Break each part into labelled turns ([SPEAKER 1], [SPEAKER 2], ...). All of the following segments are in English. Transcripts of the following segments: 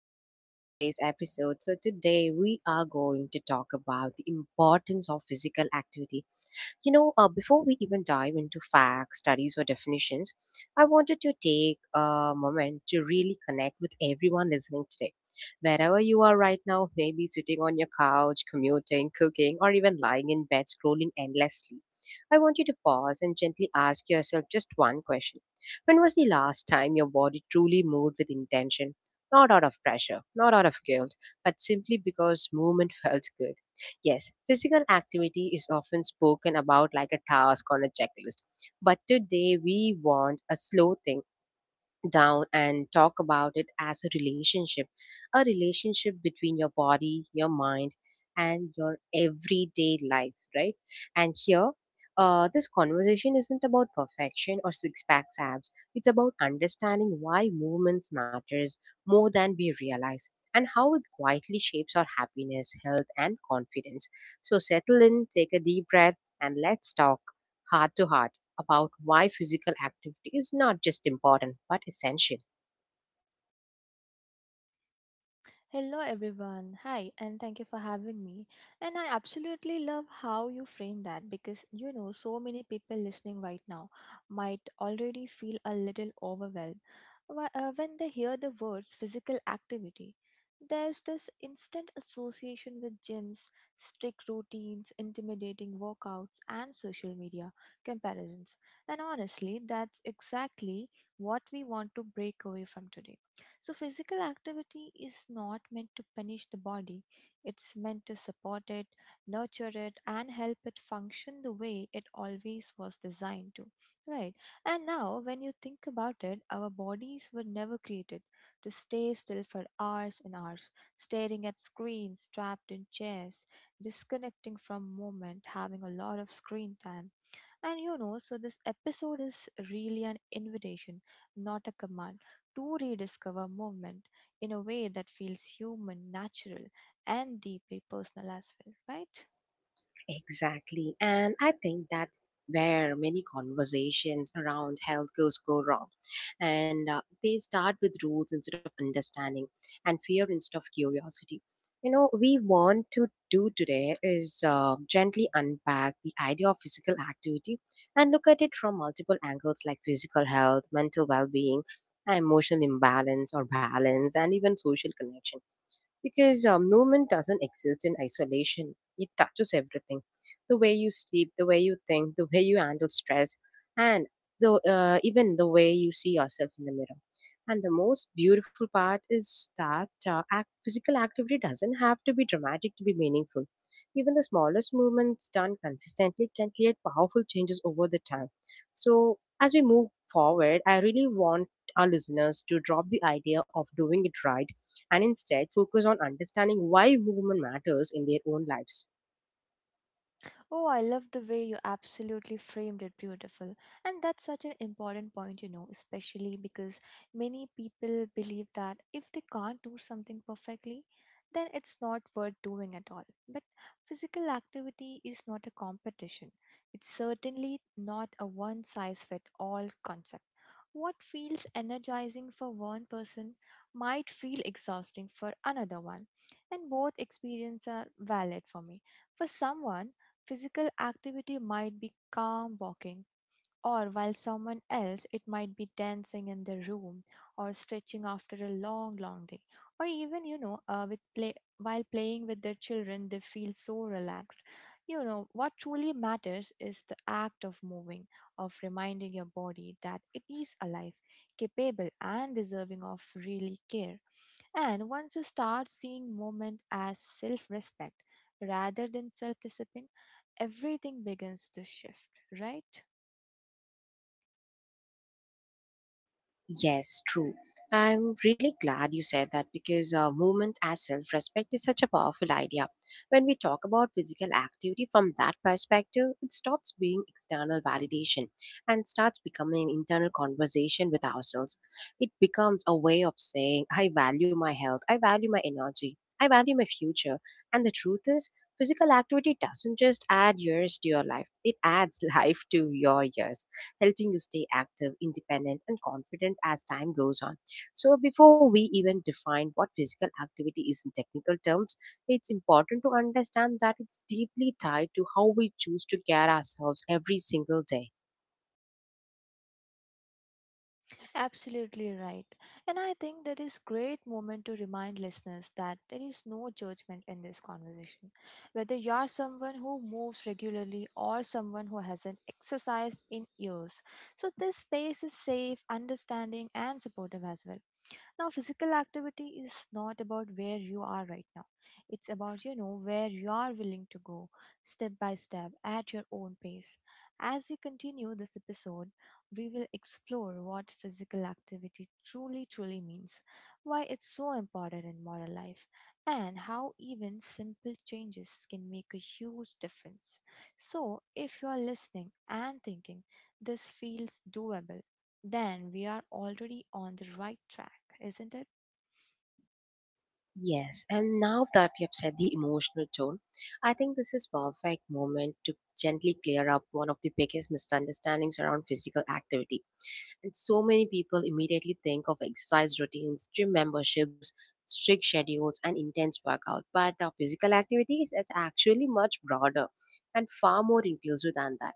[SPEAKER 1] and welcome to today's episode. So, today we are going to talk about the importance of physical activity before we even dive into facts, studies, or definitions, I wanted to take a moment to really connect with everyone listening today. Wherever you are right now, maybe sitting on your couch, commuting, cooking, or even lying in bed scrolling endlessly, I want you to pause and gently ask yourself just one question. When was the last time your body truly moved with intention? Not out of pressure, not out of guilt, but simply because movement felt good? Yes, physical activity is often spoken about like a task on a checklist, but today we want a slow thing down and talk about it as a relationship, a relationship between your body, your mind, and your everyday life, right? And here, this conversation isn't about perfection or six pack abs. It's about understanding why movements matters more than we realize, and how it quietly shapes our happiness, health, and confidence. So settle in, take a deep breath, and let's talk heart to heart about why physical activity is not just important but essential.
[SPEAKER 2] Hello, everyone. Hi, and thank you for having me. And I absolutely love how you frame that because so many people listening right now might already feel a little overwhelmed when they hear the words physical activity. There's this instant association with gyms, strict routines, intimidating workouts, and social media comparisons. And honestly, that's exactly what we want to break away from today. So, physical activity is not meant to punish the body, it's meant to support it, nurture it, and help it function the way it always was designed to. Right? And now, when you think about it, our bodies were never created to stay still for hours and hours, staring at screens, trapped in chairs, disconnecting from moment, having a lot of screen time. So this episode is really an invitation, not a command, to rediscover movement in a way that feels human, natural, and deeply personal as well, right?
[SPEAKER 1] Exactly. And I think that's where many conversations around health goes go wrong. And they start with rules instead of understanding, and fear instead of curiosity. You know, we want to do today is gently unpack the idea of physical activity and look at it from multiple angles, like physical health, mental well being, emotional imbalance or balance, and even social connection. Because movement doesn't exist in isolation, it touches everything: the way you sleep, the way you think, the way you handle stress, and the even the way you see yourself in the mirror. And the most beautiful part is that physical activity doesn't have to be dramatic to be meaningful. Even the smallest movements done consistently can create powerful changes over the time. So, as we move forward, I really want our listeners to drop the idea of doing it right and instead focus on understanding why movement matters in their own lives.
[SPEAKER 2] Oh, I love the way you absolutely framed it beautiful. And that's such an important point, especially because many people believe that if they can't do something perfectly, then it's not worth doing at all. But physical activity is not a competition. It's certainly not a one size fits all concept. What feels energizing for one person might feel exhausting for another one, and both experiences are valid for me. For someone physical activity might be calm walking, or while someone else, it might be dancing in their room, or stretching after a long, long day, or even, with play while playing with their children, they feel so relaxed. You know what truly matters is the act of moving, of reminding your body that it is alive, capable, and deserving of really care. And once you start seeing movement as self respect rather than self discipline, everything begins to shift, right?
[SPEAKER 1] Yes, true. I'm really glad you said that because movement as self respect is such a powerful idea. When we talk about physical activity from that perspective, it stops being external validation and starts becoming an internal conversation with ourselves. It becomes a way of saying, I value my health, I value my energy, I value my future. And the truth is, physical activity doesn't just add years to your life, it adds life to your years, helping you stay active, independent, and confident as time goes on. So, before we even define what physical activity is in technical terms, it's important to understand that it's deeply tied to how we choose to care ourselves every single day.
[SPEAKER 2] Absolutely right. And I think that is great moment to remind listeners that there is no judgment in this conversation. Whether you are someone who moves regularly or someone who hasn't exercised in years. So this space is safe, understanding and supportive as well. Now, physical activity is not about where you are right now. It's about, where you are willing to go step by step at your own pace. As we continue this episode, we will explore what physical activity truly means, why it's so important in modern life, and how even simple changes can make a huge difference. So, if you are listening and thinking, this feels doable, then we are already on the right track, isn't it?
[SPEAKER 1] Yes, and now that we have set the emotional tone, I think this is perfect moment to gently clear up one of the biggest misunderstandings around physical activity. And so many people immediately think of exercise routines, gym memberships, strict schedules, and intense workout. But Physical activities is actually much broader and far more inclusive than that.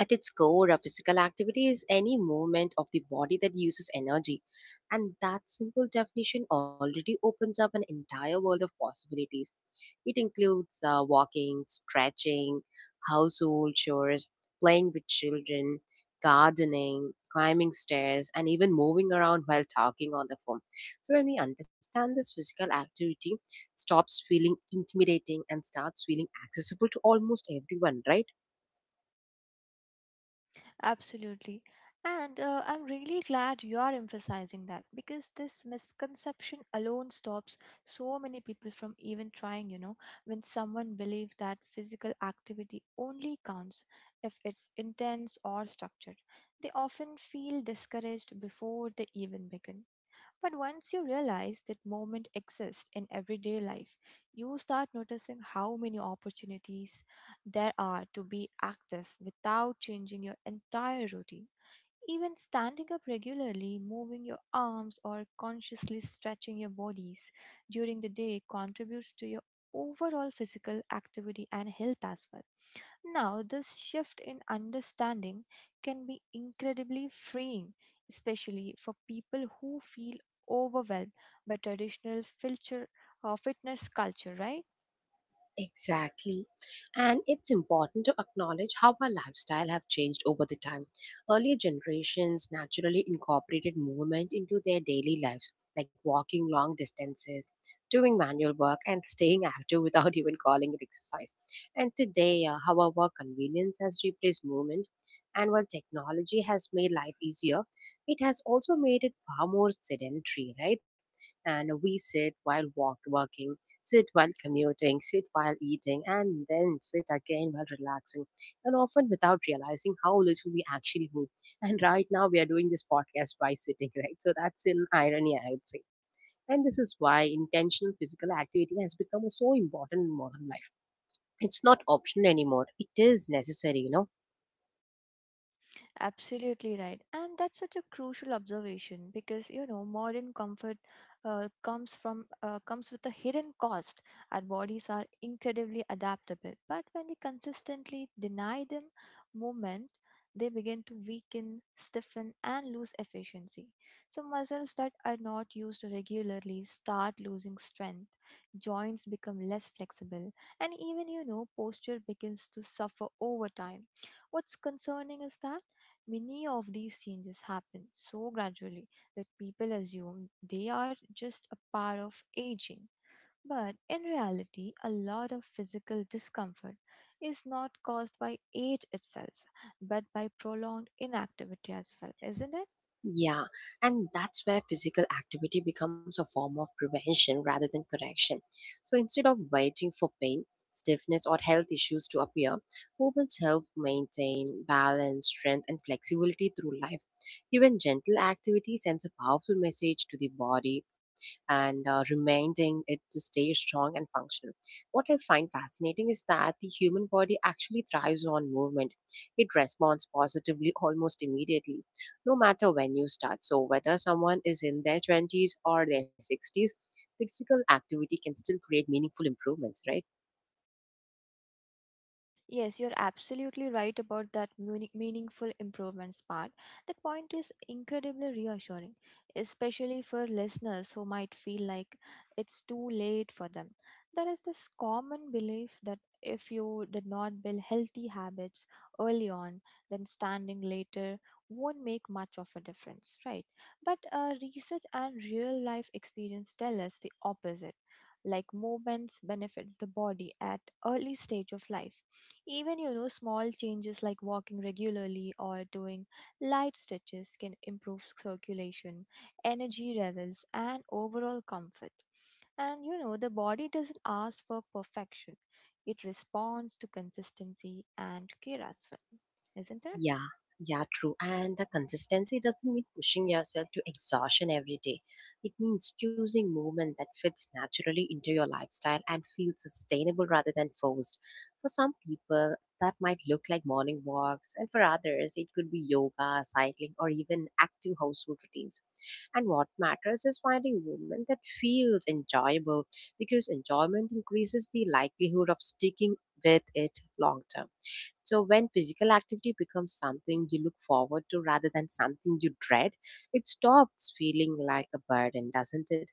[SPEAKER 1] At its core, a physical activity is any movement of the body that uses energy. And that simple definition already opens up an entire world of possibilities. It includes walking, stretching, household chores, playing with children, gardening, climbing stairs, and even moving around while talking on the phone. So, when we understand this, physical activity stops feeling intimidating and starts feeling accessible to almost everyone, right?
[SPEAKER 2] Absolutely. And I'm really glad you are emphasizing that because this misconception alone stops so many people from even trying. You know, when someone believes that physical activity only counts if it's intense or structured, they often feel discouraged before they even begin. But once you realize that moment exists in everyday life, you start noticing how many opportunities there are to be active without changing your entire routine. Even standing up regularly, moving your arms, or consciously stretching your bodies during the day contributes to your overall physical activity and health as well. Now, this shift in understanding can be incredibly freeing, especially for people who feel overwhelmed by fitness culture, right?
[SPEAKER 1] Exactly. And it's important to acknowledge how our lifestyle have changed over the time. Earlier generations naturally incorporated movement into their daily lives, like walking long distances, doing manual work, and staying active without even calling it exercise. And today, however, convenience has replaced movement. And while technology has made life easier, it has also made it far more sedentary, right? And we sit while working, sit while commuting, sit while eating, and then sit again while relaxing, and often without realizing how little we actually move. And right now, we are doing this podcast by sitting, right? So that's an irony, I would say. And this is why intentional physical activity has become so important in modern life. It's not optional anymore, it is necessary, you know.
[SPEAKER 2] Absolutely right. And that's such a crucial observation because modern comfort comes with a hidden cost. Our bodies are incredibly adaptable, but when we consistently deny them movement, they begin to weaken, stiffen, and lose efficiency. So muscles that are not used regularly start losing strength, joints become less flexible, and even posture begins to suffer over time. What's concerning is that many of these changes happen so gradually that people assume they are just a part of aging. But in reality, a lot of physical discomfort is not caused by age itself, but by prolonged inactivity as well, isn't it?
[SPEAKER 1] Yeah, and that's where physical activity becomes a form of prevention rather than correction. So instead of waiting for pain, stiffness, or health issues to appear, movements help maintain balance, strength, and flexibility through life. Even gentle activity sends a powerful message to the body, and reminding it to stay strong and functional. What I find fascinating is that the human body actually thrives on movement, it responds positively almost immediately no matter when you start. So, whether someone is in their 20s or their 60s, physical activity can still create meaningful improvements, right?
[SPEAKER 2] Yes, you're absolutely right about that meaningful improvements part. That point is incredibly reassuring, especially for listeners who might feel like it's too late for them. There is this common belief that if you did not build healthy habits early on, then standing later won't make much of a difference, right? But research and real life experience tell us the opposite, like movements benefits the body at early stage of life. Even small changes like walking regularly or doing light stretches can improve circulation, energy levels and overall comfort. And the body doesn't ask for perfection, it responds to consistency and care as well, isn't it?
[SPEAKER 1] Yeah, yeah, true. And the consistency doesn't mean pushing yourself to exhaustion every day. It means choosing movement that fits naturally into your lifestyle and feels sustainable rather than forced. For some people, that might look like morning walks, and for others, it could be yoga, cycling, or even active household routines. And what matters is finding movement that feels enjoyable, because enjoyment increases the likelihood of sticking with it long term. So when physical activity becomes something you look forward to rather than something you dread, it stops feeling like a burden, doesn't it?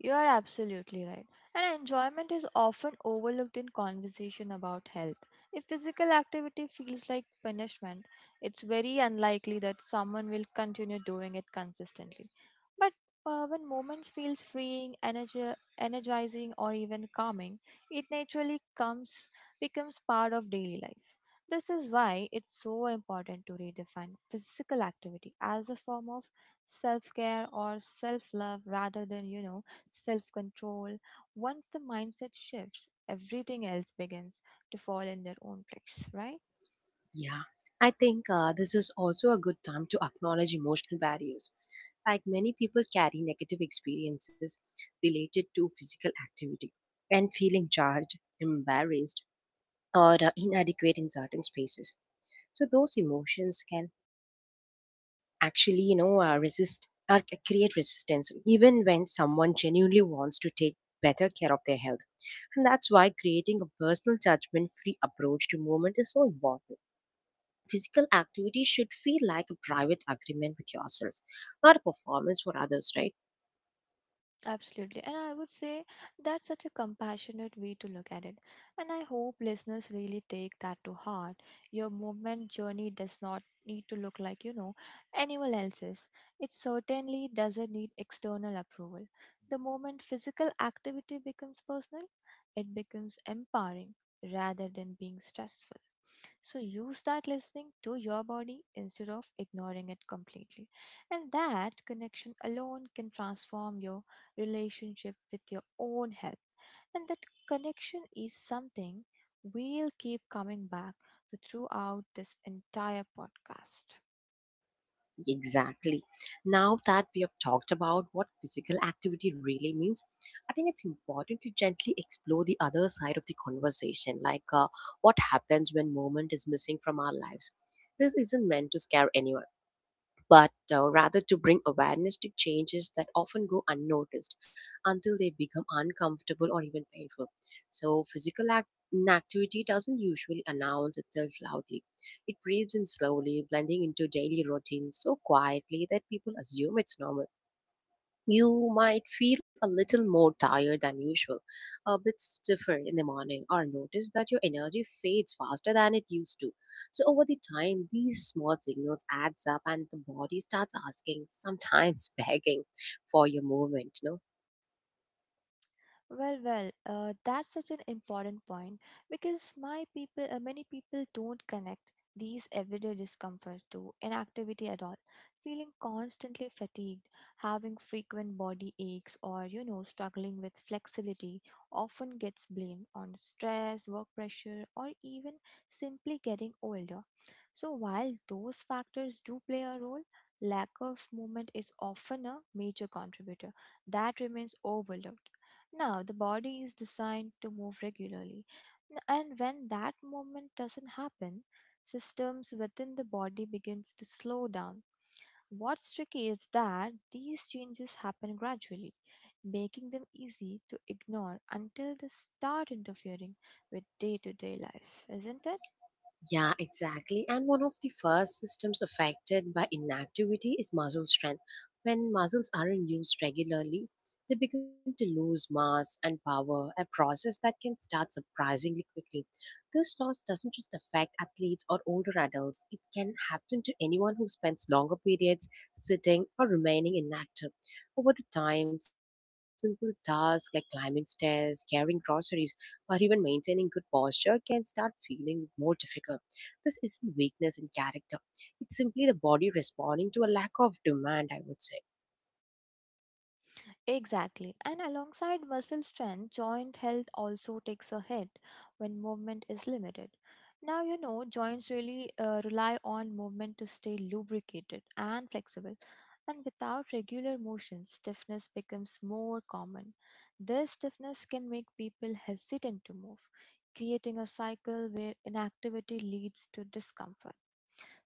[SPEAKER 2] You are absolutely right. And enjoyment is often overlooked in conversation about health. If physical activity feels like punishment, it's very unlikely that someone will continue doing it consistently. But when moments feels freeing, energizing or even calming, it naturally comes becomes part of daily life. This is why it's so important to redefine physical activity as a form of self-care or self-love rather than, self control. Once the mindset shifts, everything else begins to fall in their own place, right?
[SPEAKER 1] Yeah. I think this is also a good time to acknowledge emotional barriers. Like, many people carry negative experiences related to physical activity, and feeling judged, embarrassed, or inadequate in certain spaces. So those emotions can actually, you know, create resistance even when someone genuinely wants to take better care of their health. And that's why creating a personal judgment free approach to movement is so important. Physical activity should feel like a private agreement with yourself, not a performance for others, right?
[SPEAKER 2] Absolutely. And I would say that's such a compassionate way to look at it. And I hope listeners really take that to heart. Your movement journey does not need to look like, anyone else's. It certainly doesn't need external approval. The moment physical activity becomes personal, it becomes empowering rather than being stressful. So use that listening to your body instead of ignoring it completely. And that connection alone can transform your relationship with your own health. And that connection is something we'll keep coming back to throughout this entire podcast.
[SPEAKER 1] Exactly. Now that we have talked about what physical activity really means, I think it's important to gently explore the other side of the conversation, like, what happens when movement is missing from our lives. This isn't meant to scare anyone, but rather to bring awareness to changes that often go unnoticed until they become uncomfortable or even painful. So, inactivity doesn't usually announce itself loudly. It creeps in slowly, blending into daily routines so quietly that people assume it's normal. You might feel a little more tired than usual, a bit stiffer in the morning, or notice that your energy fades faster than it used to. So, over the time, these small signals adds up, and the body starts asking, sometimes begging, for your movement. You know?
[SPEAKER 2] Well, that's such an important point because many people don't connect these everyday discomforts to inactivity at all. Feeling constantly fatigued, having frequent body aches, or struggling with flexibility often gets blamed on stress, work pressure, or even simply getting older. So, while those factors do play a role, lack of movement is often a major contributor that remains overlooked. Now, the body is designed to move regularly, and when that movement doesn't happen, systems within the body begins to slow down. What's tricky is that these changes happen gradually, making them easy to ignore until they start interfering with day-to-day life, isn't it?
[SPEAKER 1] Yeah, exactly. And one of the first systems affected by inactivity is muscle strength. When muscles aren't used regularly, they begin to lose mass and power, a process that can start surprisingly quickly. This loss doesn't just affect athletes or older adults, it can happen to anyone who spends longer periods sitting or remaining inactive. Over the time, simple tasks like climbing stairs, carrying groceries, or even maintaining good posture can start feeling more difficult. This isn't weakness in character, it's simply the body responding to a lack of demand, I would say.
[SPEAKER 2] Exactly. And alongside muscle strength, joint health also takes a hit when movement is limited. Now, joints really rely on movement to stay lubricated and flexible. And without regular motion, stiffness becomes more common. This stiffness can make people hesitant to move, creating a cycle where inactivity leads to discomfort,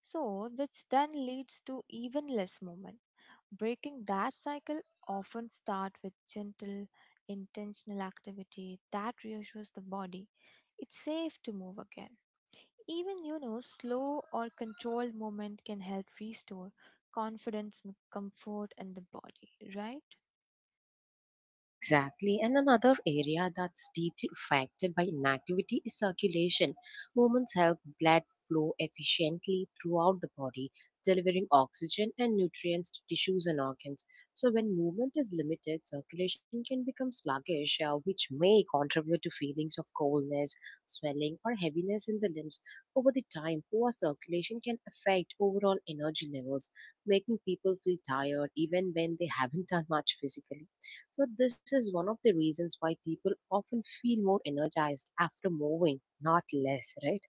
[SPEAKER 2] so which then leads to even less movement. Breaking that cycle often start with gentle, intentional activity that reassures the body. It's safe to move again. Even, slow or controlled movement can help restore confidence and comfort in the body, right?
[SPEAKER 1] Exactly, and another area that's deeply affected by inactivity is circulation. Movements help blood flow efficiently throughout the body, delivering oxygen and nutrients to tissues and organs. So, when movement is limited, circulation can become sluggish, which may contribute to feelings of coldness, swelling, or heaviness in the limbs. Over the time, poor circulation can affect overall energy levels, making people feel tired even when they haven't done much physically. So, this is one of the reasons why people often feel more energized after moving, not less, right?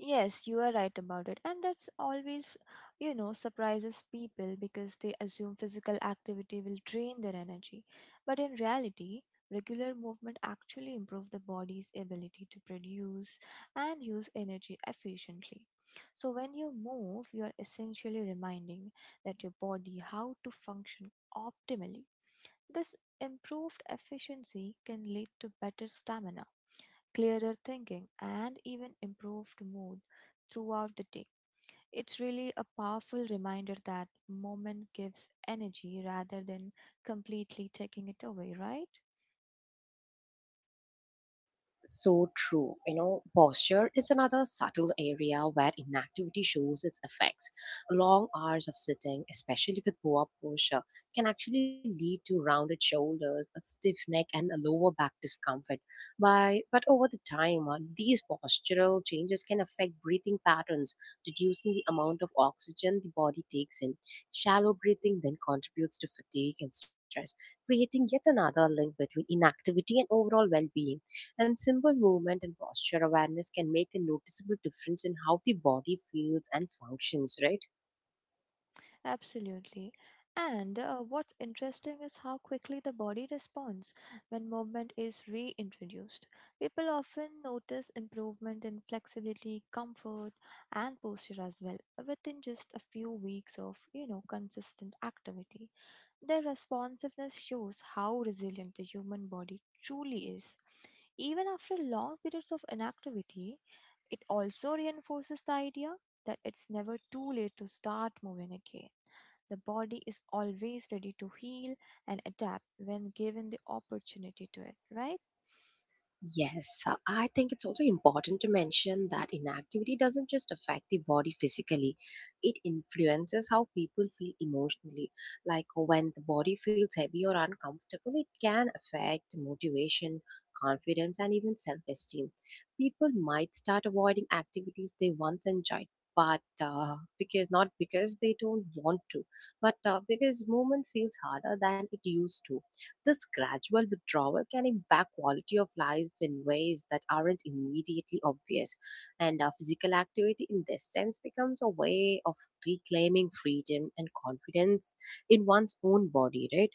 [SPEAKER 2] Yes, you are right about it. And that's always, surprises people because they assume physical activity will drain their energy. But in reality, regular movement actually improves the body's ability to produce and use energy efficiently. So when you move, you are essentially reminding that your body how to function optimally. This improved efficiency can lead to better stamina, clearer thinking, and even improved mood throughout the day. It's really a powerful reminder that moment gives energy rather than completely taking it away, right?
[SPEAKER 1] So true. You know, posture is another subtle area where inactivity shows its effects. Long hours of sitting, especially with poor posture, can actually lead to rounded shoulders, a stiff neck, and a lower back discomfort. By but over the time, these postural changes can affect breathing patterns, reducing the amount of oxygen the body takes in. Shallow breathing then contributes to fatigue and stress, creating yet another link between inactivity and overall well-being. And simple movement and posture awareness can make a noticeable difference in how the body feels and functions, right?
[SPEAKER 2] Absolutely. And what's interesting is how quickly the body responds when movement is reintroduced. People often notice improvement in flexibility, comfort, and posture as well within just a few weeks of, consistent activity. Their responsiveness shows how resilient the human body truly is. Even after long periods of inactivity, it also reinforces the idea that it's never too late to start moving again. The body is always ready to heal and adapt when given the opportunity to it, right?
[SPEAKER 1] Yes, I think it's also important to mention that inactivity doesn't just affect the body physically, it influences how people feel emotionally. Like, when the body feels heavy or uncomfortable, it can affect motivation, confidence, and even self esteem. People might start avoiding activities they once enjoyed. But because not because they don't want to, but because movement feels harder than it used to. This gradual withdrawal can impact quality of life in ways that aren't immediately obvious, and our physical activity in this sense becomes a way of reclaiming freedom and confidence in one's own body, right?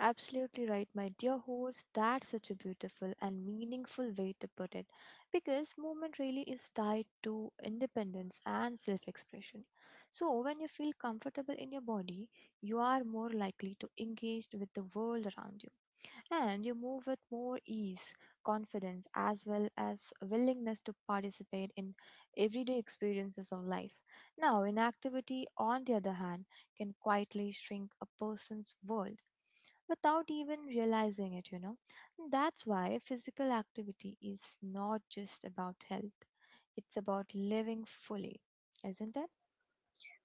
[SPEAKER 2] Absolutely right, my dear host. That's such a beautiful and meaningful way to put it because movement really is tied to independence and self expression. So, when you feel comfortable in your body, you are more likely to engage with the world around you and you move with more ease, confidence, as well as willingness to participate in everyday experiences of life. Now, inactivity, on the other hand, can quietly shrink a person's world without even realizing it, And that's why physical activity is not just about health, it's about living fully. Isn't it?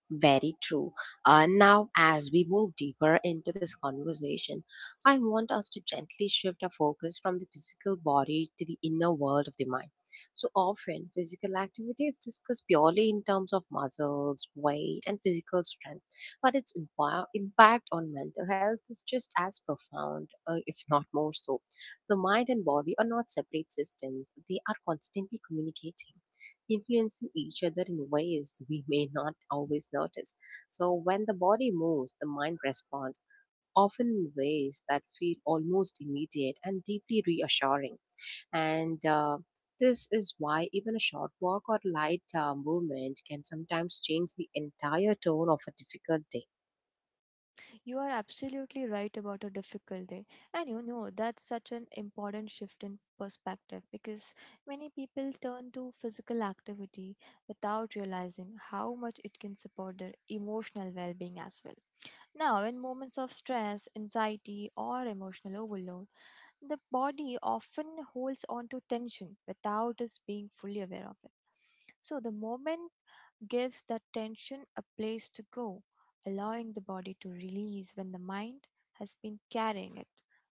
[SPEAKER 1] Very true. Now, as we move deeper into this conversation, I want us to gently shift our focus from the physical body to the inner world of the mind. So often, physical activity is discussed purely in terms of muscles, weight, and physical strength, but its impact on mental health is just as profound, if not more so. The mind and body are not separate systems, they are constantly communicating, influencing each other in ways we may not always notice. So, when the body moves, the mind responds, often in ways that feel almost immediate and deeply reassuring. And This is why even a short walk or light movement can sometimes change the entire tone of a difficult day.
[SPEAKER 2] You are absolutely right about a difficult day. And that's such an important shift in perspective because many people turn to physical activity without realizing how much it can support their emotional well being as well. Now, in moments of stress, anxiety, or emotional overload, the body often holds on to tension without us being fully aware of it. So the moment gives that tension a place to go, allowing the body to release when the mind has been carrying it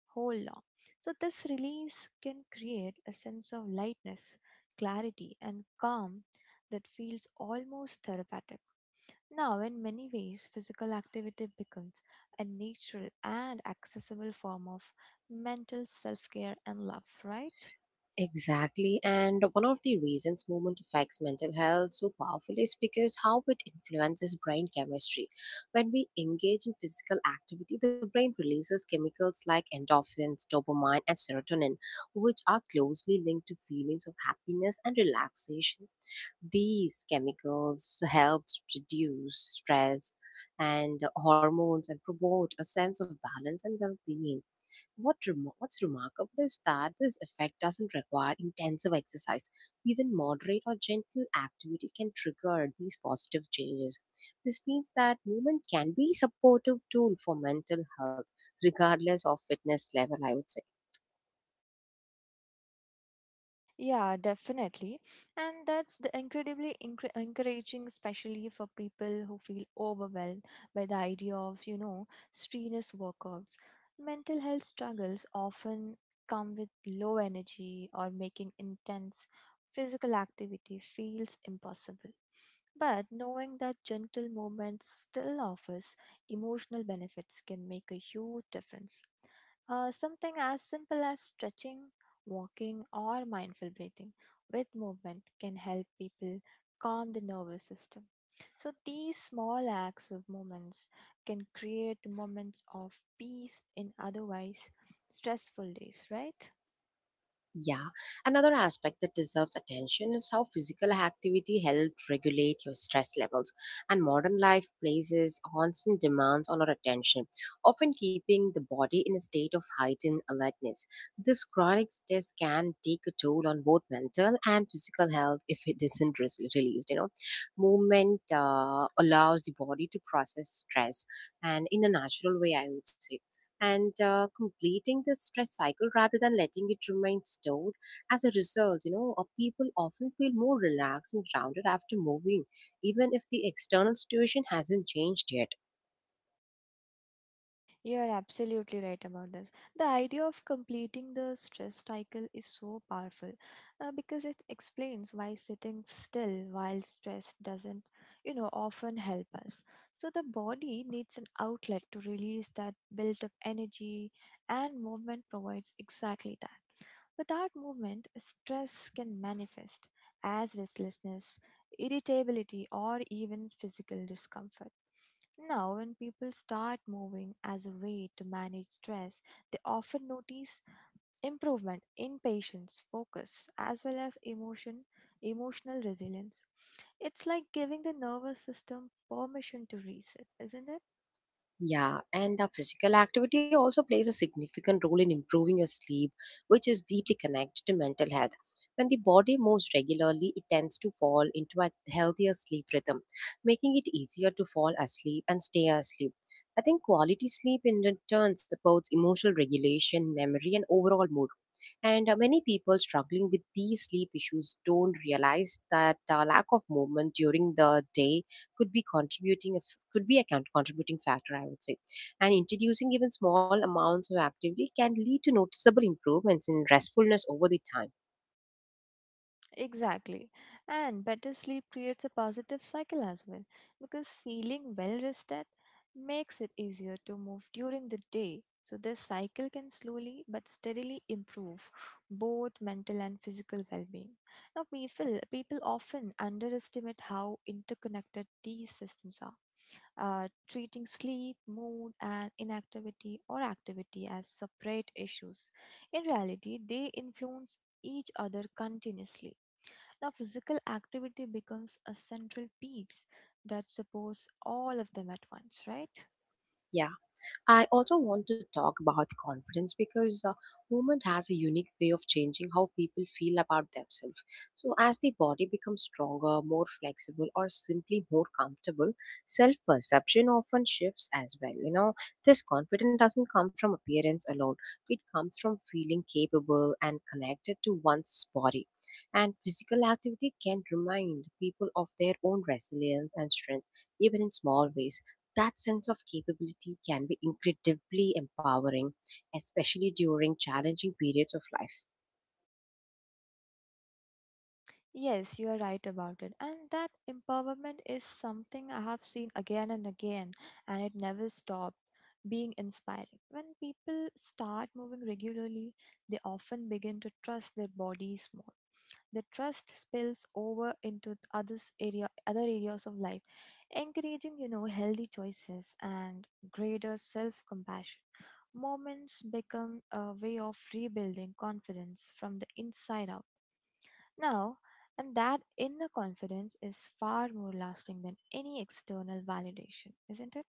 [SPEAKER 2] whole long. So this release can create a sense of lightness, clarity and calm that feels almost therapeutic. Now, in many ways, physical activity becomes a natural and accessible form of mental self care and love, right?
[SPEAKER 1] Exactly, and one of the reasons movement affects mental health so powerfully is because how it influences brain chemistry. When we engage in physical activity, the brain releases chemicals like endorphins, dopamine, and serotonin, which are closely linked to feelings of happiness and relaxation. These chemicals help reduce stress and hormones and promote a sense of balance and well being. What's remarkable is that this effect doesn't require intensive exercise. Even moderate or gentle activity can trigger these positive changes. This means that movement can be supportive tool for mental health, regardless of fitness level, I would say.
[SPEAKER 2] Yeah, definitely. And that's the encouraging, especially for people who feel overwhelmed by the idea of, strenuous workouts. Mental health struggles often come with low energy or making intense physical activity feels impossible. But knowing that gentle movement still offers emotional benefits can make a huge difference. Something as simple as stretching, walking, or mindful breathing with movement can help people calm the nervous system. So these small acts of movements can create moments of peace in otherwise stressful days, right?
[SPEAKER 1] Yeah, another aspect that deserves attention is how physical activity helps regulate your stress levels. And modern life places constant demands on our attention, often keeping the body in a state of heightened alertness. This chronic stress can take a toll on both mental and physical health if it isn't released. You know, movement allows the body to process stress, and in a natural way, I would say, and completing this stress cycle rather than letting it remain stored. As a result, you know, people often feel more relaxed and grounded after moving, even if the external situation hasn't changed yet.
[SPEAKER 2] You are absolutely right about this. The idea of completing the stress cycle is so powerful because it explains why sitting still while stressed doesn't, often help us. So the body needs an outlet to release that built up energy, and movement provides exactly that. Without movement, stress can manifest as restlessness, irritability, or even physical discomfort. Now, when people start moving as a way to manage stress, they often notice improvement in patience, focus, as well as emotional resilience. It's like giving the nervous system permission to reset, isn't it?
[SPEAKER 1] Yeah, and our physical activity also plays a significant role in improving your sleep, which is deeply connected to mental health. When the body moves regularly, it tends to fall into a healthier sleep rhythm, making it easier to fall asleep and stay asleep. I think quality sleep in return supports emotional regulation, memory, and overall mood, and many people struggling with these sleep issues don't realize that lack of movement during the day could be contributing a f- could be a con- contributing factor, I would say. And introducing even small amounts of activity can lead to noticeable improvements in restfulness over the time.
[SPEAKER 2] Exactly. And better sleep creates a positive cycle as well because feeling well rested makes it easier to move during the day. So this cycle can slowly but steadily improve both mental and physical well being. Now, people often underestimate how interconnected these systems are, treating sleep, mood, and inactivity or activity as separate issues. In reality, they influence each other continuously. Now, physical activity becomes a central piece that supports all of them at once, right?
[SPEAKER 1] Yeah. I also want to talk about confidence because movement has a unique way of changing how people feel about themselves. So, as the body becomes stronger, more flexible, or simply more comfortable, self perception often shifts as well. You know, this confidence doesn't come from appearance alone, it comes from feeling capable and connected to one's body. And physical activity can remind people of their own resilience and strength, even in small ways that sense of capability can be incredibly empowering, especially during challenging periods of life.
[SPEAKER 2] Yes, you are right about it. And that empowerment is something I have seen again and again, and it never stops being inspiring. When people start moving regularly, they often begin to trust their bodies more. The trust spills over into other areas of life, encouraging healthy choices and greater self-compassion. Moments become a way of rebuilding confidence from the inside out. Now, and that inner confidence is far more lasting than any external validation, isn't it?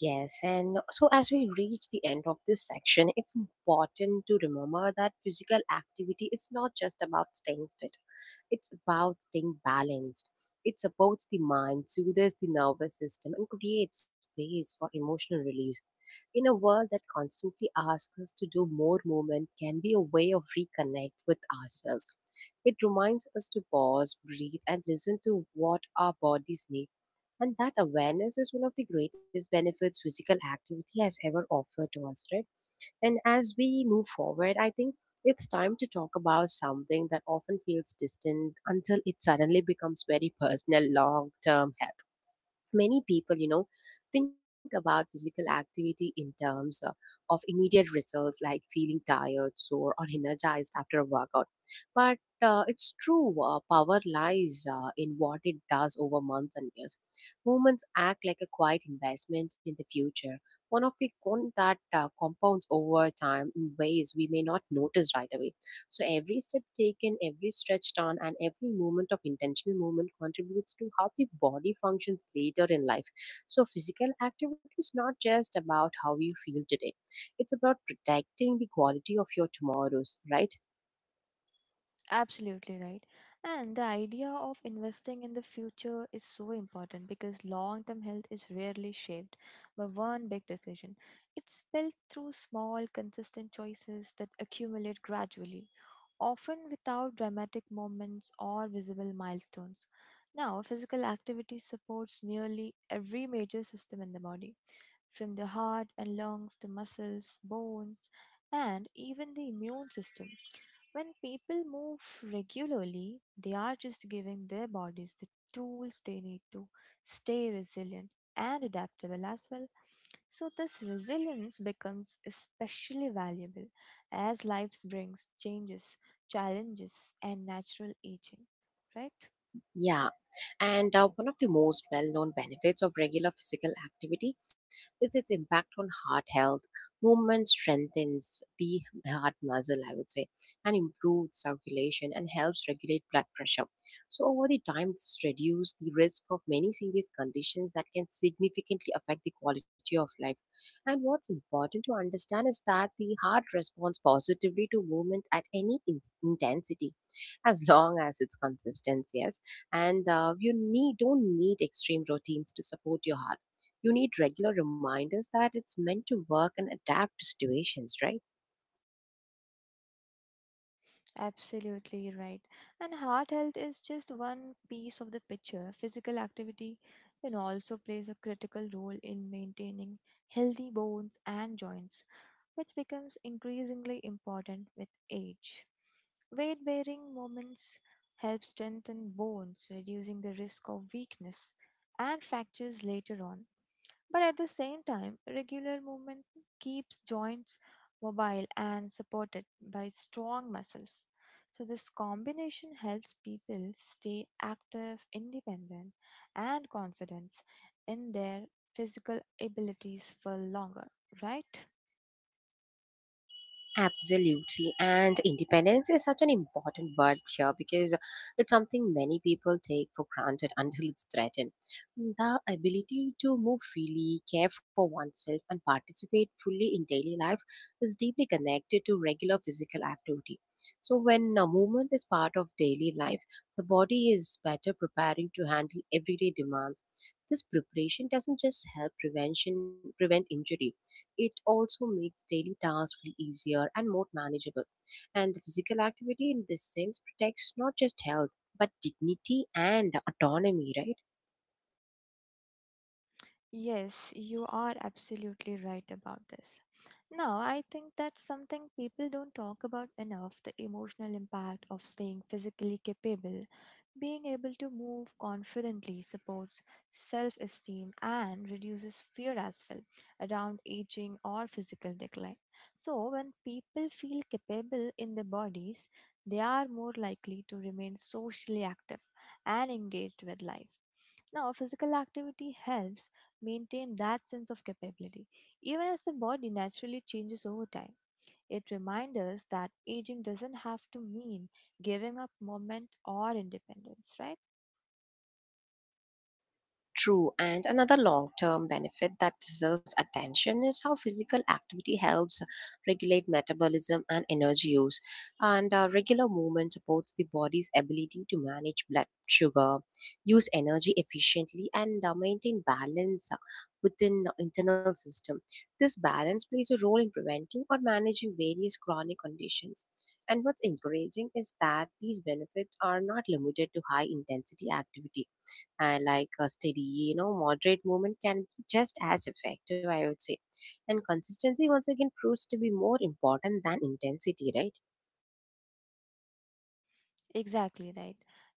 [SPEAKER 1] Yes, and so as we reach the end of this section, it's important to remember that physical activity is not just about staying fit. It's about staying balanced. It supports the mind, soothes the nervous system, and creates space for emotional release. In a world that constantly asks us to do more, movement can be a way of reconnect with ourselves. It reminds us to pause, breathe, and listen to what our bodies need, and that awareness is one of the greatest benefits physical activity has ever offered to us, right? And as we move forward, I think it's time to talk about something that often feels distant until it suddenly becomes very personal long term health. Many people, you know, think about physical activity in terms of immediate results like feeling tired, sore or energized after a workout, but it's true, power lies in what it does over months and years. Movements act like a quiet investment in the future, one of the con that compounds over time in ways we may not notice right away. So every step taken, every stretch done, and every moment of intentional movement contributes to how the body functions later in life. So physical activity is not just about how you feel today; it's about protecting the quality of your tomorrows, right?
[SPEAKER 2] Absolutely right. And the idea of investing in the future is so important because long term health is rarely shaped by one big decision. It's built through small, consistent choices that accumulate gradually, often without dramatic moments or visible milestones. Now, physical activity supports nearly every major system in the body, from the heart and lungs to muscles, bones, and even the immune system. When people move regularly, they are just giving their bodies the tools they need to stay resilient and adaptable as well. So this resilience becomes especially valuable as life brings changes, challenges, and natural aging, right?
[SPEAKER 1] Yeah, and one of the most well-known benefits of regular physical activity is its impact on heart health. Movement strengthens the heart muscle, I would say, and improves circulation and helps regulate blood pressure. So over the time, this reduces the risk of many serious conditions that can significantly affect the quality of life. And what's important to understand is that the heart responds positively to movement at any intensity, as long as it's consistent. Yes, and you need don't need extreme routines to support your heart. You need regular reminders that it's meant to work and adapt to situations, right?
[SPEAKER 2] Absolutely right. And heart health is just one piece of the picture. Physical activity can also plays a critical role in maintaining healthy bones and joints which becomes increasingly important with age. Weight bearing movements help strengthen bones, reducing the risk of weakness and fractures later on. But at the same time, regular movement keeps joints mobile and supported by strong muscles. So this combination helps people stay active, independent, and confident in their physical abilities for longer, right?
[SPEAKER 1] Absolutely. And independence is such an important word here because it's something many people take for granted until it's threatened. The ability to move freely, care for oneself, and participate fully in daily life is deeply connected to regular physical activity. So, when a movement is part of daily life, the body is better preparing to handle everyday demands. This preparation doesn't just help prevention prevent injury, it also makes daily tasks feel easier and more manageable. And physical activity in this sense protects not just health, but dignity and autonomy, right?
[SPEAKER 2] Yes, you are absolutely right about this. Now, I think that's something people don't talk about enough, the emotional impact of staying physically capable, being able to move confidently supports self esteem and reduces fear as well around aging or physical decline. So, when people feel capable in their bodies, they are more likely to remain socially active and engaged with life. Now, physical activity helps maintain that sense of capability, even as the body naturally changes over time. It reminds us that aging doesn't have to mean giving up movement or independence, right?
[SPEAKER 1] True, and another long term benefit that deserves attention is how physical activity helps regulate metabolism and energy use. And regular movement supports the body's ability to manage blood sugar, use energy efficiently, and maintain balance within the internal system. This balance plays a role in preventing or managing various chronic conditions. And what's encouraging is that these benefits are not limited to high intensity activity, and like a steady, you know, moderate movement can be just as effective, I would say. And consistency once again proves to be more important than intensity, right?
[SPEAKER 2] Exactly right.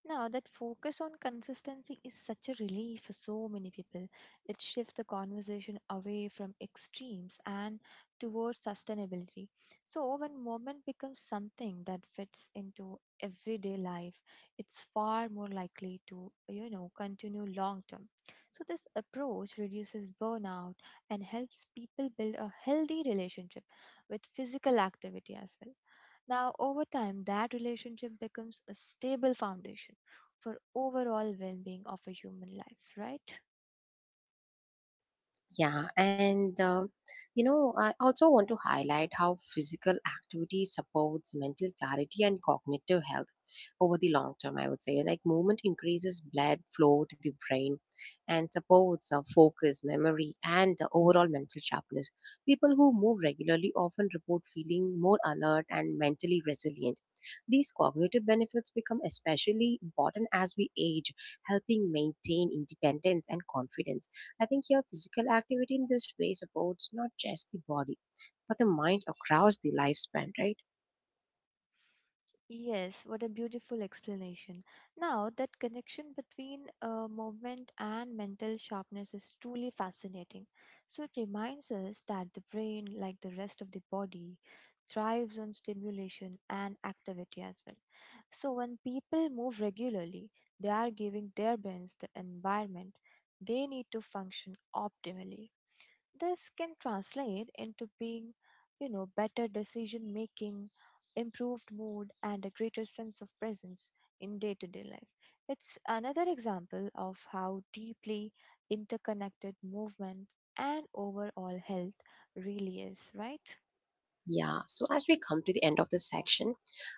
[SPEAKER 2] Now, that focus on consistency is such a relief for so many people. It shifts the conversation away from extremes and towards sustainability. So, when movement becomes something that fits into everyday life, it's far more likely to, continue long term. So this approach reduces burnout and helps people build a healthy relationship with physical activity as well. Now, over time, that relationship becomes a stable foundation for overall well being of a human life, right?
[SPEAKER 1] Yeah, and you know, I also want to highlight how physical activity supports mental clarity and cognitive health over the long term. I would say, like movement increases blood flow to the brain and supports focus, memory, and the overall mental sharpness. People who move regularly often report feeling more alert and mentally resilient. These cognitive benefits become especially important as we age, helping maintain independence and confidence. I think here physical activity in this way supports not just the body, but the mind across the lifespan, right?
[SPEAKER 2] Yes, what a beautiful explanation. Now, that connection between movement and mental sharpness is truly fascinating. So, it reminds us that the brain, like the rest of the body, thrives on stimulation and activity as well. So, when people move regularly, they are giving their brains the environment they need to function optimally. This can translate into better decision making, improved mood, and a greater sense of presence in day to day life. It's another example of how deeply interconnected movement and overall health really is, right?
[SPEAKER 1] Yeah. So as we come to the end of this section,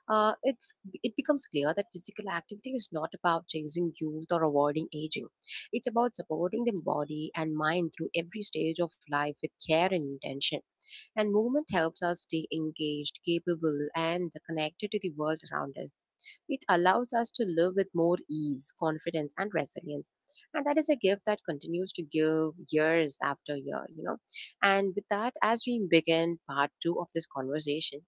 [SPEAKER 1] uh, it's it becomes clear that physical activity is not about chasing youth or avoiding aging. It's about supporting the body and mind through every stage of life with care and intention. And movement helps us stay engaged, capable, and connected to the world around us. It allows us to live with more ease, confidence, and resilience. And that is a gift that continues to give years after year, you know. And with that, as we begin part two of this conversation,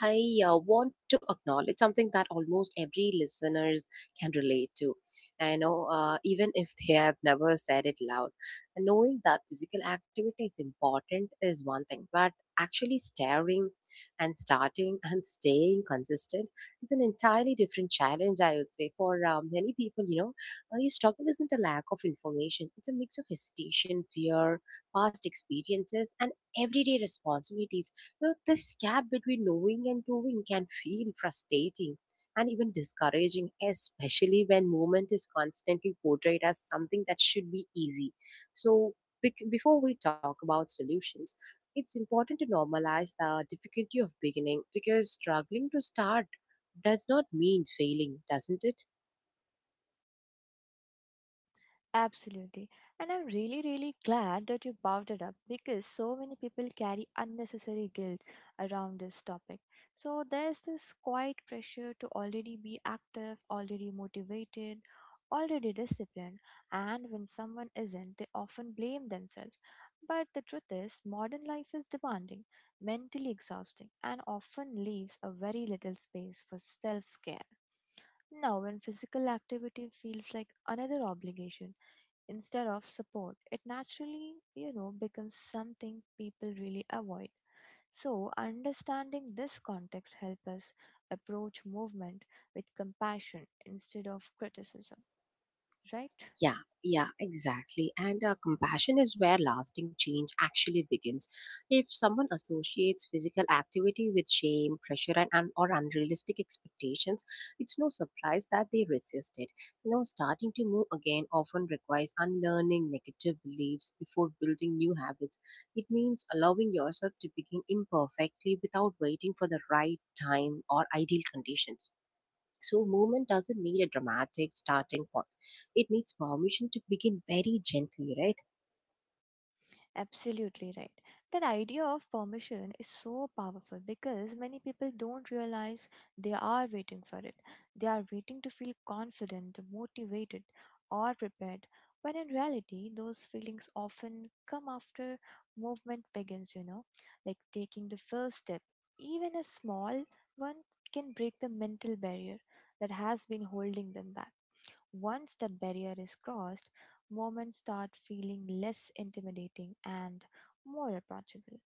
[SPEAKER 1] I want to acknowledge something that almost every listeners can relate to. I know, even if they have never said it loud, knowing that physical activity is important is one thing, but actually staring and starting and staying consistent is an entirely different challenge. I would say for many people, you know, your struggle isn't a lack of information; it's a mix of hesitation, fear, past experiences, and everyday responsibilities. You know, this gap between knowing and doing can feel frustrating and even discouraging, especially when movement is constantly portrayed as something that should be easy. So, before we talk about solutions, it's important to normalize the difficulty of beginning because struggling to start does not mean failing, doesn't it?
[SPEAKER 2] Absolutely. And I'm really glad that you brought it up because so many people carry unnecessary guilt around this topic. So there's this quiet pressure to already be active, already motivated, already disciplined. And when someone isn't, they often blame themselves. But the truth is, modern life is demanding, mentally exhausting, and often leaves a very little space for self care. Now, when physical activity feels like another obligation, instead of support, it naturally, becomes something people really avoid. So, understanding this context helps us approach movement with compassion instead of criticism, right?
[SPEAKER 1] Yeah, yeah, exactly. And compassion is where lasting change actually begins. If someone associates physical activity with shame, pressure, and or unrealistic expectations, it's no surprise that they resist it. You know, starting to move again often requires unlearning negative beliefs before building new habits. It means allowing yourself to begin imperfectly without waiting for the right time or ideal conditions. So, movement doesn't need a dramatic starting point. It needs permission to begin very gently, right?
[SPEAKER 2] Absolutely right. That idea of permission is so powerful because many people don't realize they are waiting for it. They are waiting to feel confident, motivated, or prepared, when in reality, those feelings often come after movement begins, like taking the first step. Even a small one can break the mental barrier that has been holding them back. Once that barrier is crossed, moments start feeling less intimidating and more approachable.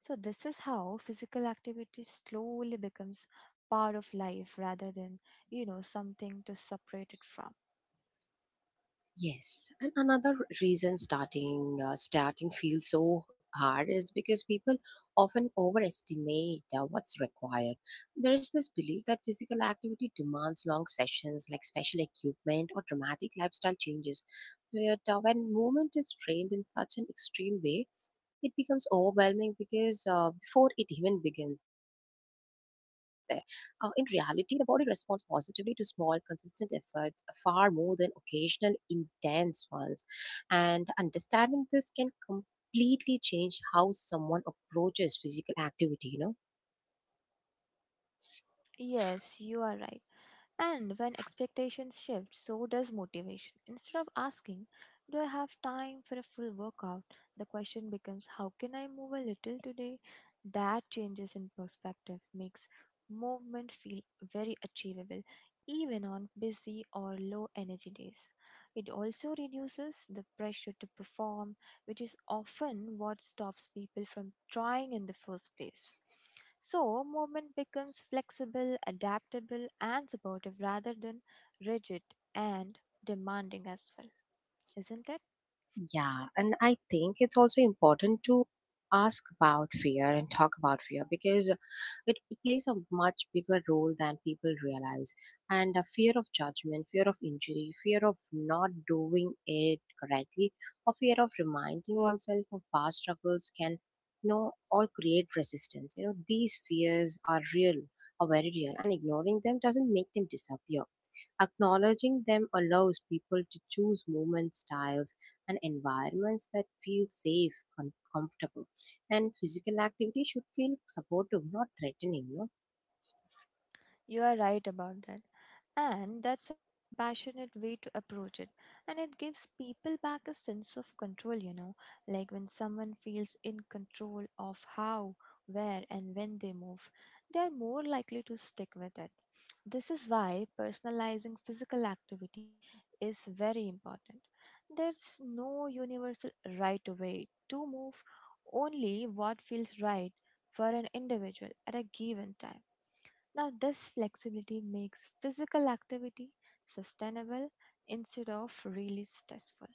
[SPEAKER 2] So this is how physical activity slowly becomes part of life rather than, something to separate it from.
[SPEAKER 1] Yes, and another reason starting feels so hard is because people often overestimate what's required. There is this belief that physical activity demands long sessions, like special equipment or dramatic lifestyle changes. But when movement is framed in such an extreme way, it becomes overwhelming because before it even begins, in reality, the body responds positively to small, consistent efforts far more than occasional intense ones. And understanding this can completely change how someone approaches physical activity, you know.
[SPEAKER 2] Yes, you are right. And when expectations shift, so does motivation. Instead of asking, "Do I have time for a full workout?" the question becomes, "How can I move a little today?" That changes in perspective makes movement feel very achievable, even on busy or low energy days. It also reduces the pressure to perform, which is often what stops people from trying in the first place. So, movement becomes flexible, adaptable, and supportive rather than rigid and demanding as well, isn't it?
[SPEAKER 1] Yeah, and I think it's also important to ask about fear and talk about fear because it plays a much bigger role than people realize. And a fear of judgment, fear of injury, fear of not doing it correctly, or fear of reminding oneself of past struggles can all create resistance. These fears are real, are very real, and ignoring them doesn't make them disappear. Acknowledging them allows people to choose movement styles and environments that feel safe, comfortable. And physical activity should feel supportive, not threatening.
[SPEAKER 2] You are right about that. And that's such a compassionate way to approach it. And it gives people back a sense of control, like when someone feels in control of how, where, and when they move, they are more likely to stick with it. This is why personalizing physical activity is very important. There's no universal right way to move, only what feels right for an individual at a given time. Now, this flexibility makes physical activity sustainable instead of really stressful.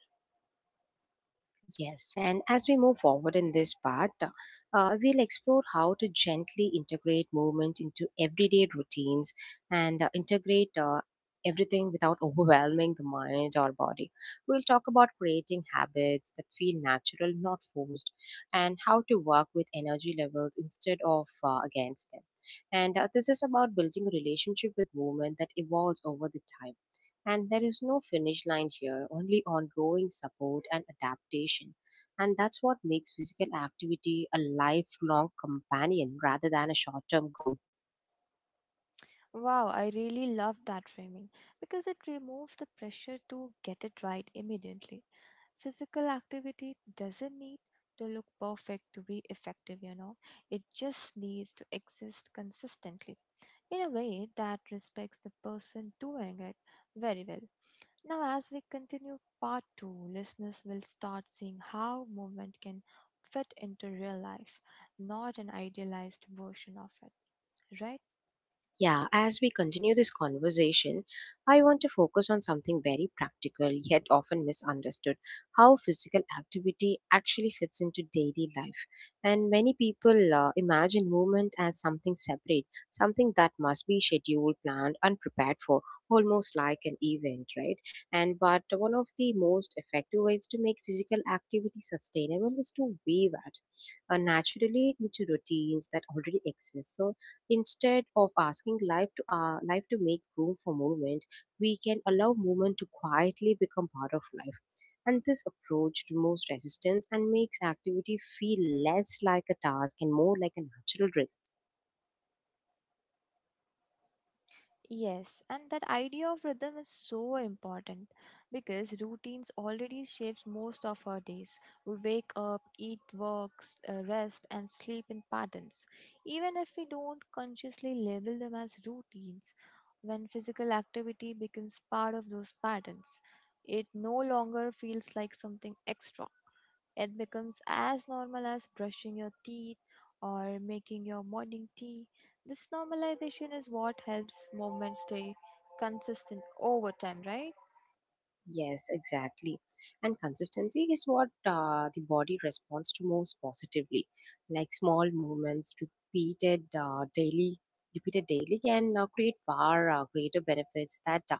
[SPEAKER 1] Yes, and as we move forward in this part, we'll explore how to gently integrate movement into everyday routines and integrate everything without overwhelming the mind or body. We'll talk about creating habits that feel natural, not forced, and how to work with energy levels instead of against them. And This is about building a relationship with movement that evolves over the time, and there is no finish line here, only ongoing support and adaptation. And that's what makes physical activity a lifelong companion rather than a short term goal.
[SPEAKER 2] Wow, I really love that framing because it removes the pressure to get it right immediately. Physical activity doesn't need to look perfect to be effective, it just needs to exist consistently in a way that respects the person doing it very well. Now, as we continue part two, listeners will start seeing how movement can fit into real life, not an idealized version of it, right?
[SPEAKER 1] Yeah, as we continue this conversation, I want to focus on something very practical yet often misunderstood: how physical activity actually fits into daily life. And many people imagine movement as something separate, something that must be scheduled, planned, and prepared for, almost like an event, right? And but one of the most effective ways to make physical activity sustainable is to weave it naturally into routines that already exist. So instead of asking life to make room for movement, we can allow movement to quietly become part of life. And this approach removes resistance and makes activity feel less like a task and more like a natural rhythm.
[SPEAKER 2] Yes, and that idea of rhythm is so important because routines already shapes most of our days. We wake up, eat, works, rest, and sleep in patterns. Even if we don't consciously label them as routines, when physical activity becomes part of those patterns, it no longer feels like something extra. It becomes as normal as brushing your teeth or making your morning tea. This normalization is what helps movement stay consistent over time, right?
[SPEAKER 1] Yes, exactly. And consistency is what the body responds to most positively, like small movements repeated repeated daily, can create far greater benefits that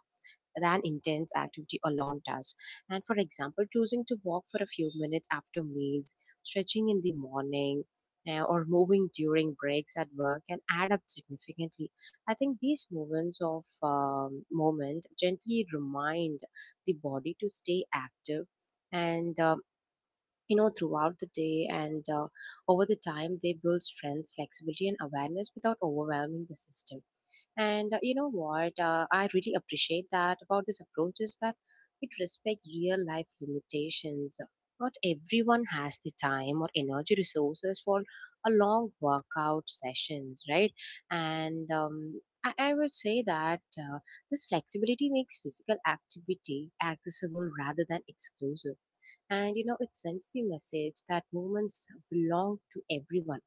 [SPEAKER 1] than intense activity alone does. And for example, choosing to walk for a few minutes after meals, stretching in the morning, or moving during breaks at work can add up significantly. I think these moments of moment gently remind the body to stay active and you know, throughout the day, and over the time they build strength, flexibility, and awareness without overwhelming the system. And you know what? I really appreciate that about this approach is that it respects real life limitations. Not everyone has the time or energy resources for a long workout sessions, right? I would say that this flexibility makes physical activity accessible rather than exclusive, and you know, it sends the message that movements belong to everyone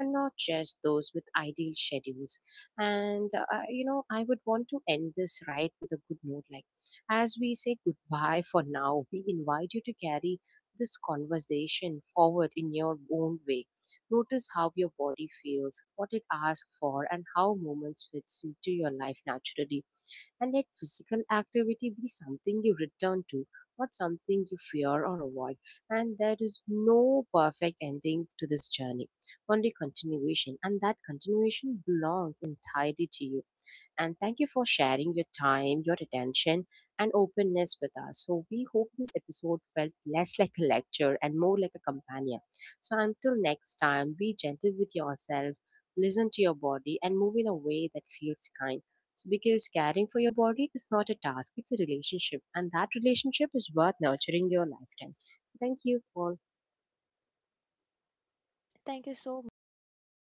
[SPEAKER 1] and not just those with ideal schedules. And I- you know, I would want to end this right with a good note, like, as we say goodbye for now, we invite you to carry this conversation forward in your own way. Notice how your body feels, what it asks for, and how moments fits into your life naturally, and let physical activity be something you return to, not something you fear or avoid. And there is no perfect ending to this journey, only continuation, and that continuation belongs entirely to you. And thank you for sharing your time, your attention, and openness with us. So, we hope this episode felt less like a lecture and more like a companion. So, until next time, be gentle with yourself, listen to your body, and move in a way that feels kind. So, because caring for your body is not a task, it's a relationship, and that relationship is worth nurturing your lifetime. Thank you all.
[SPEAKER 2] Thank you so much. That was a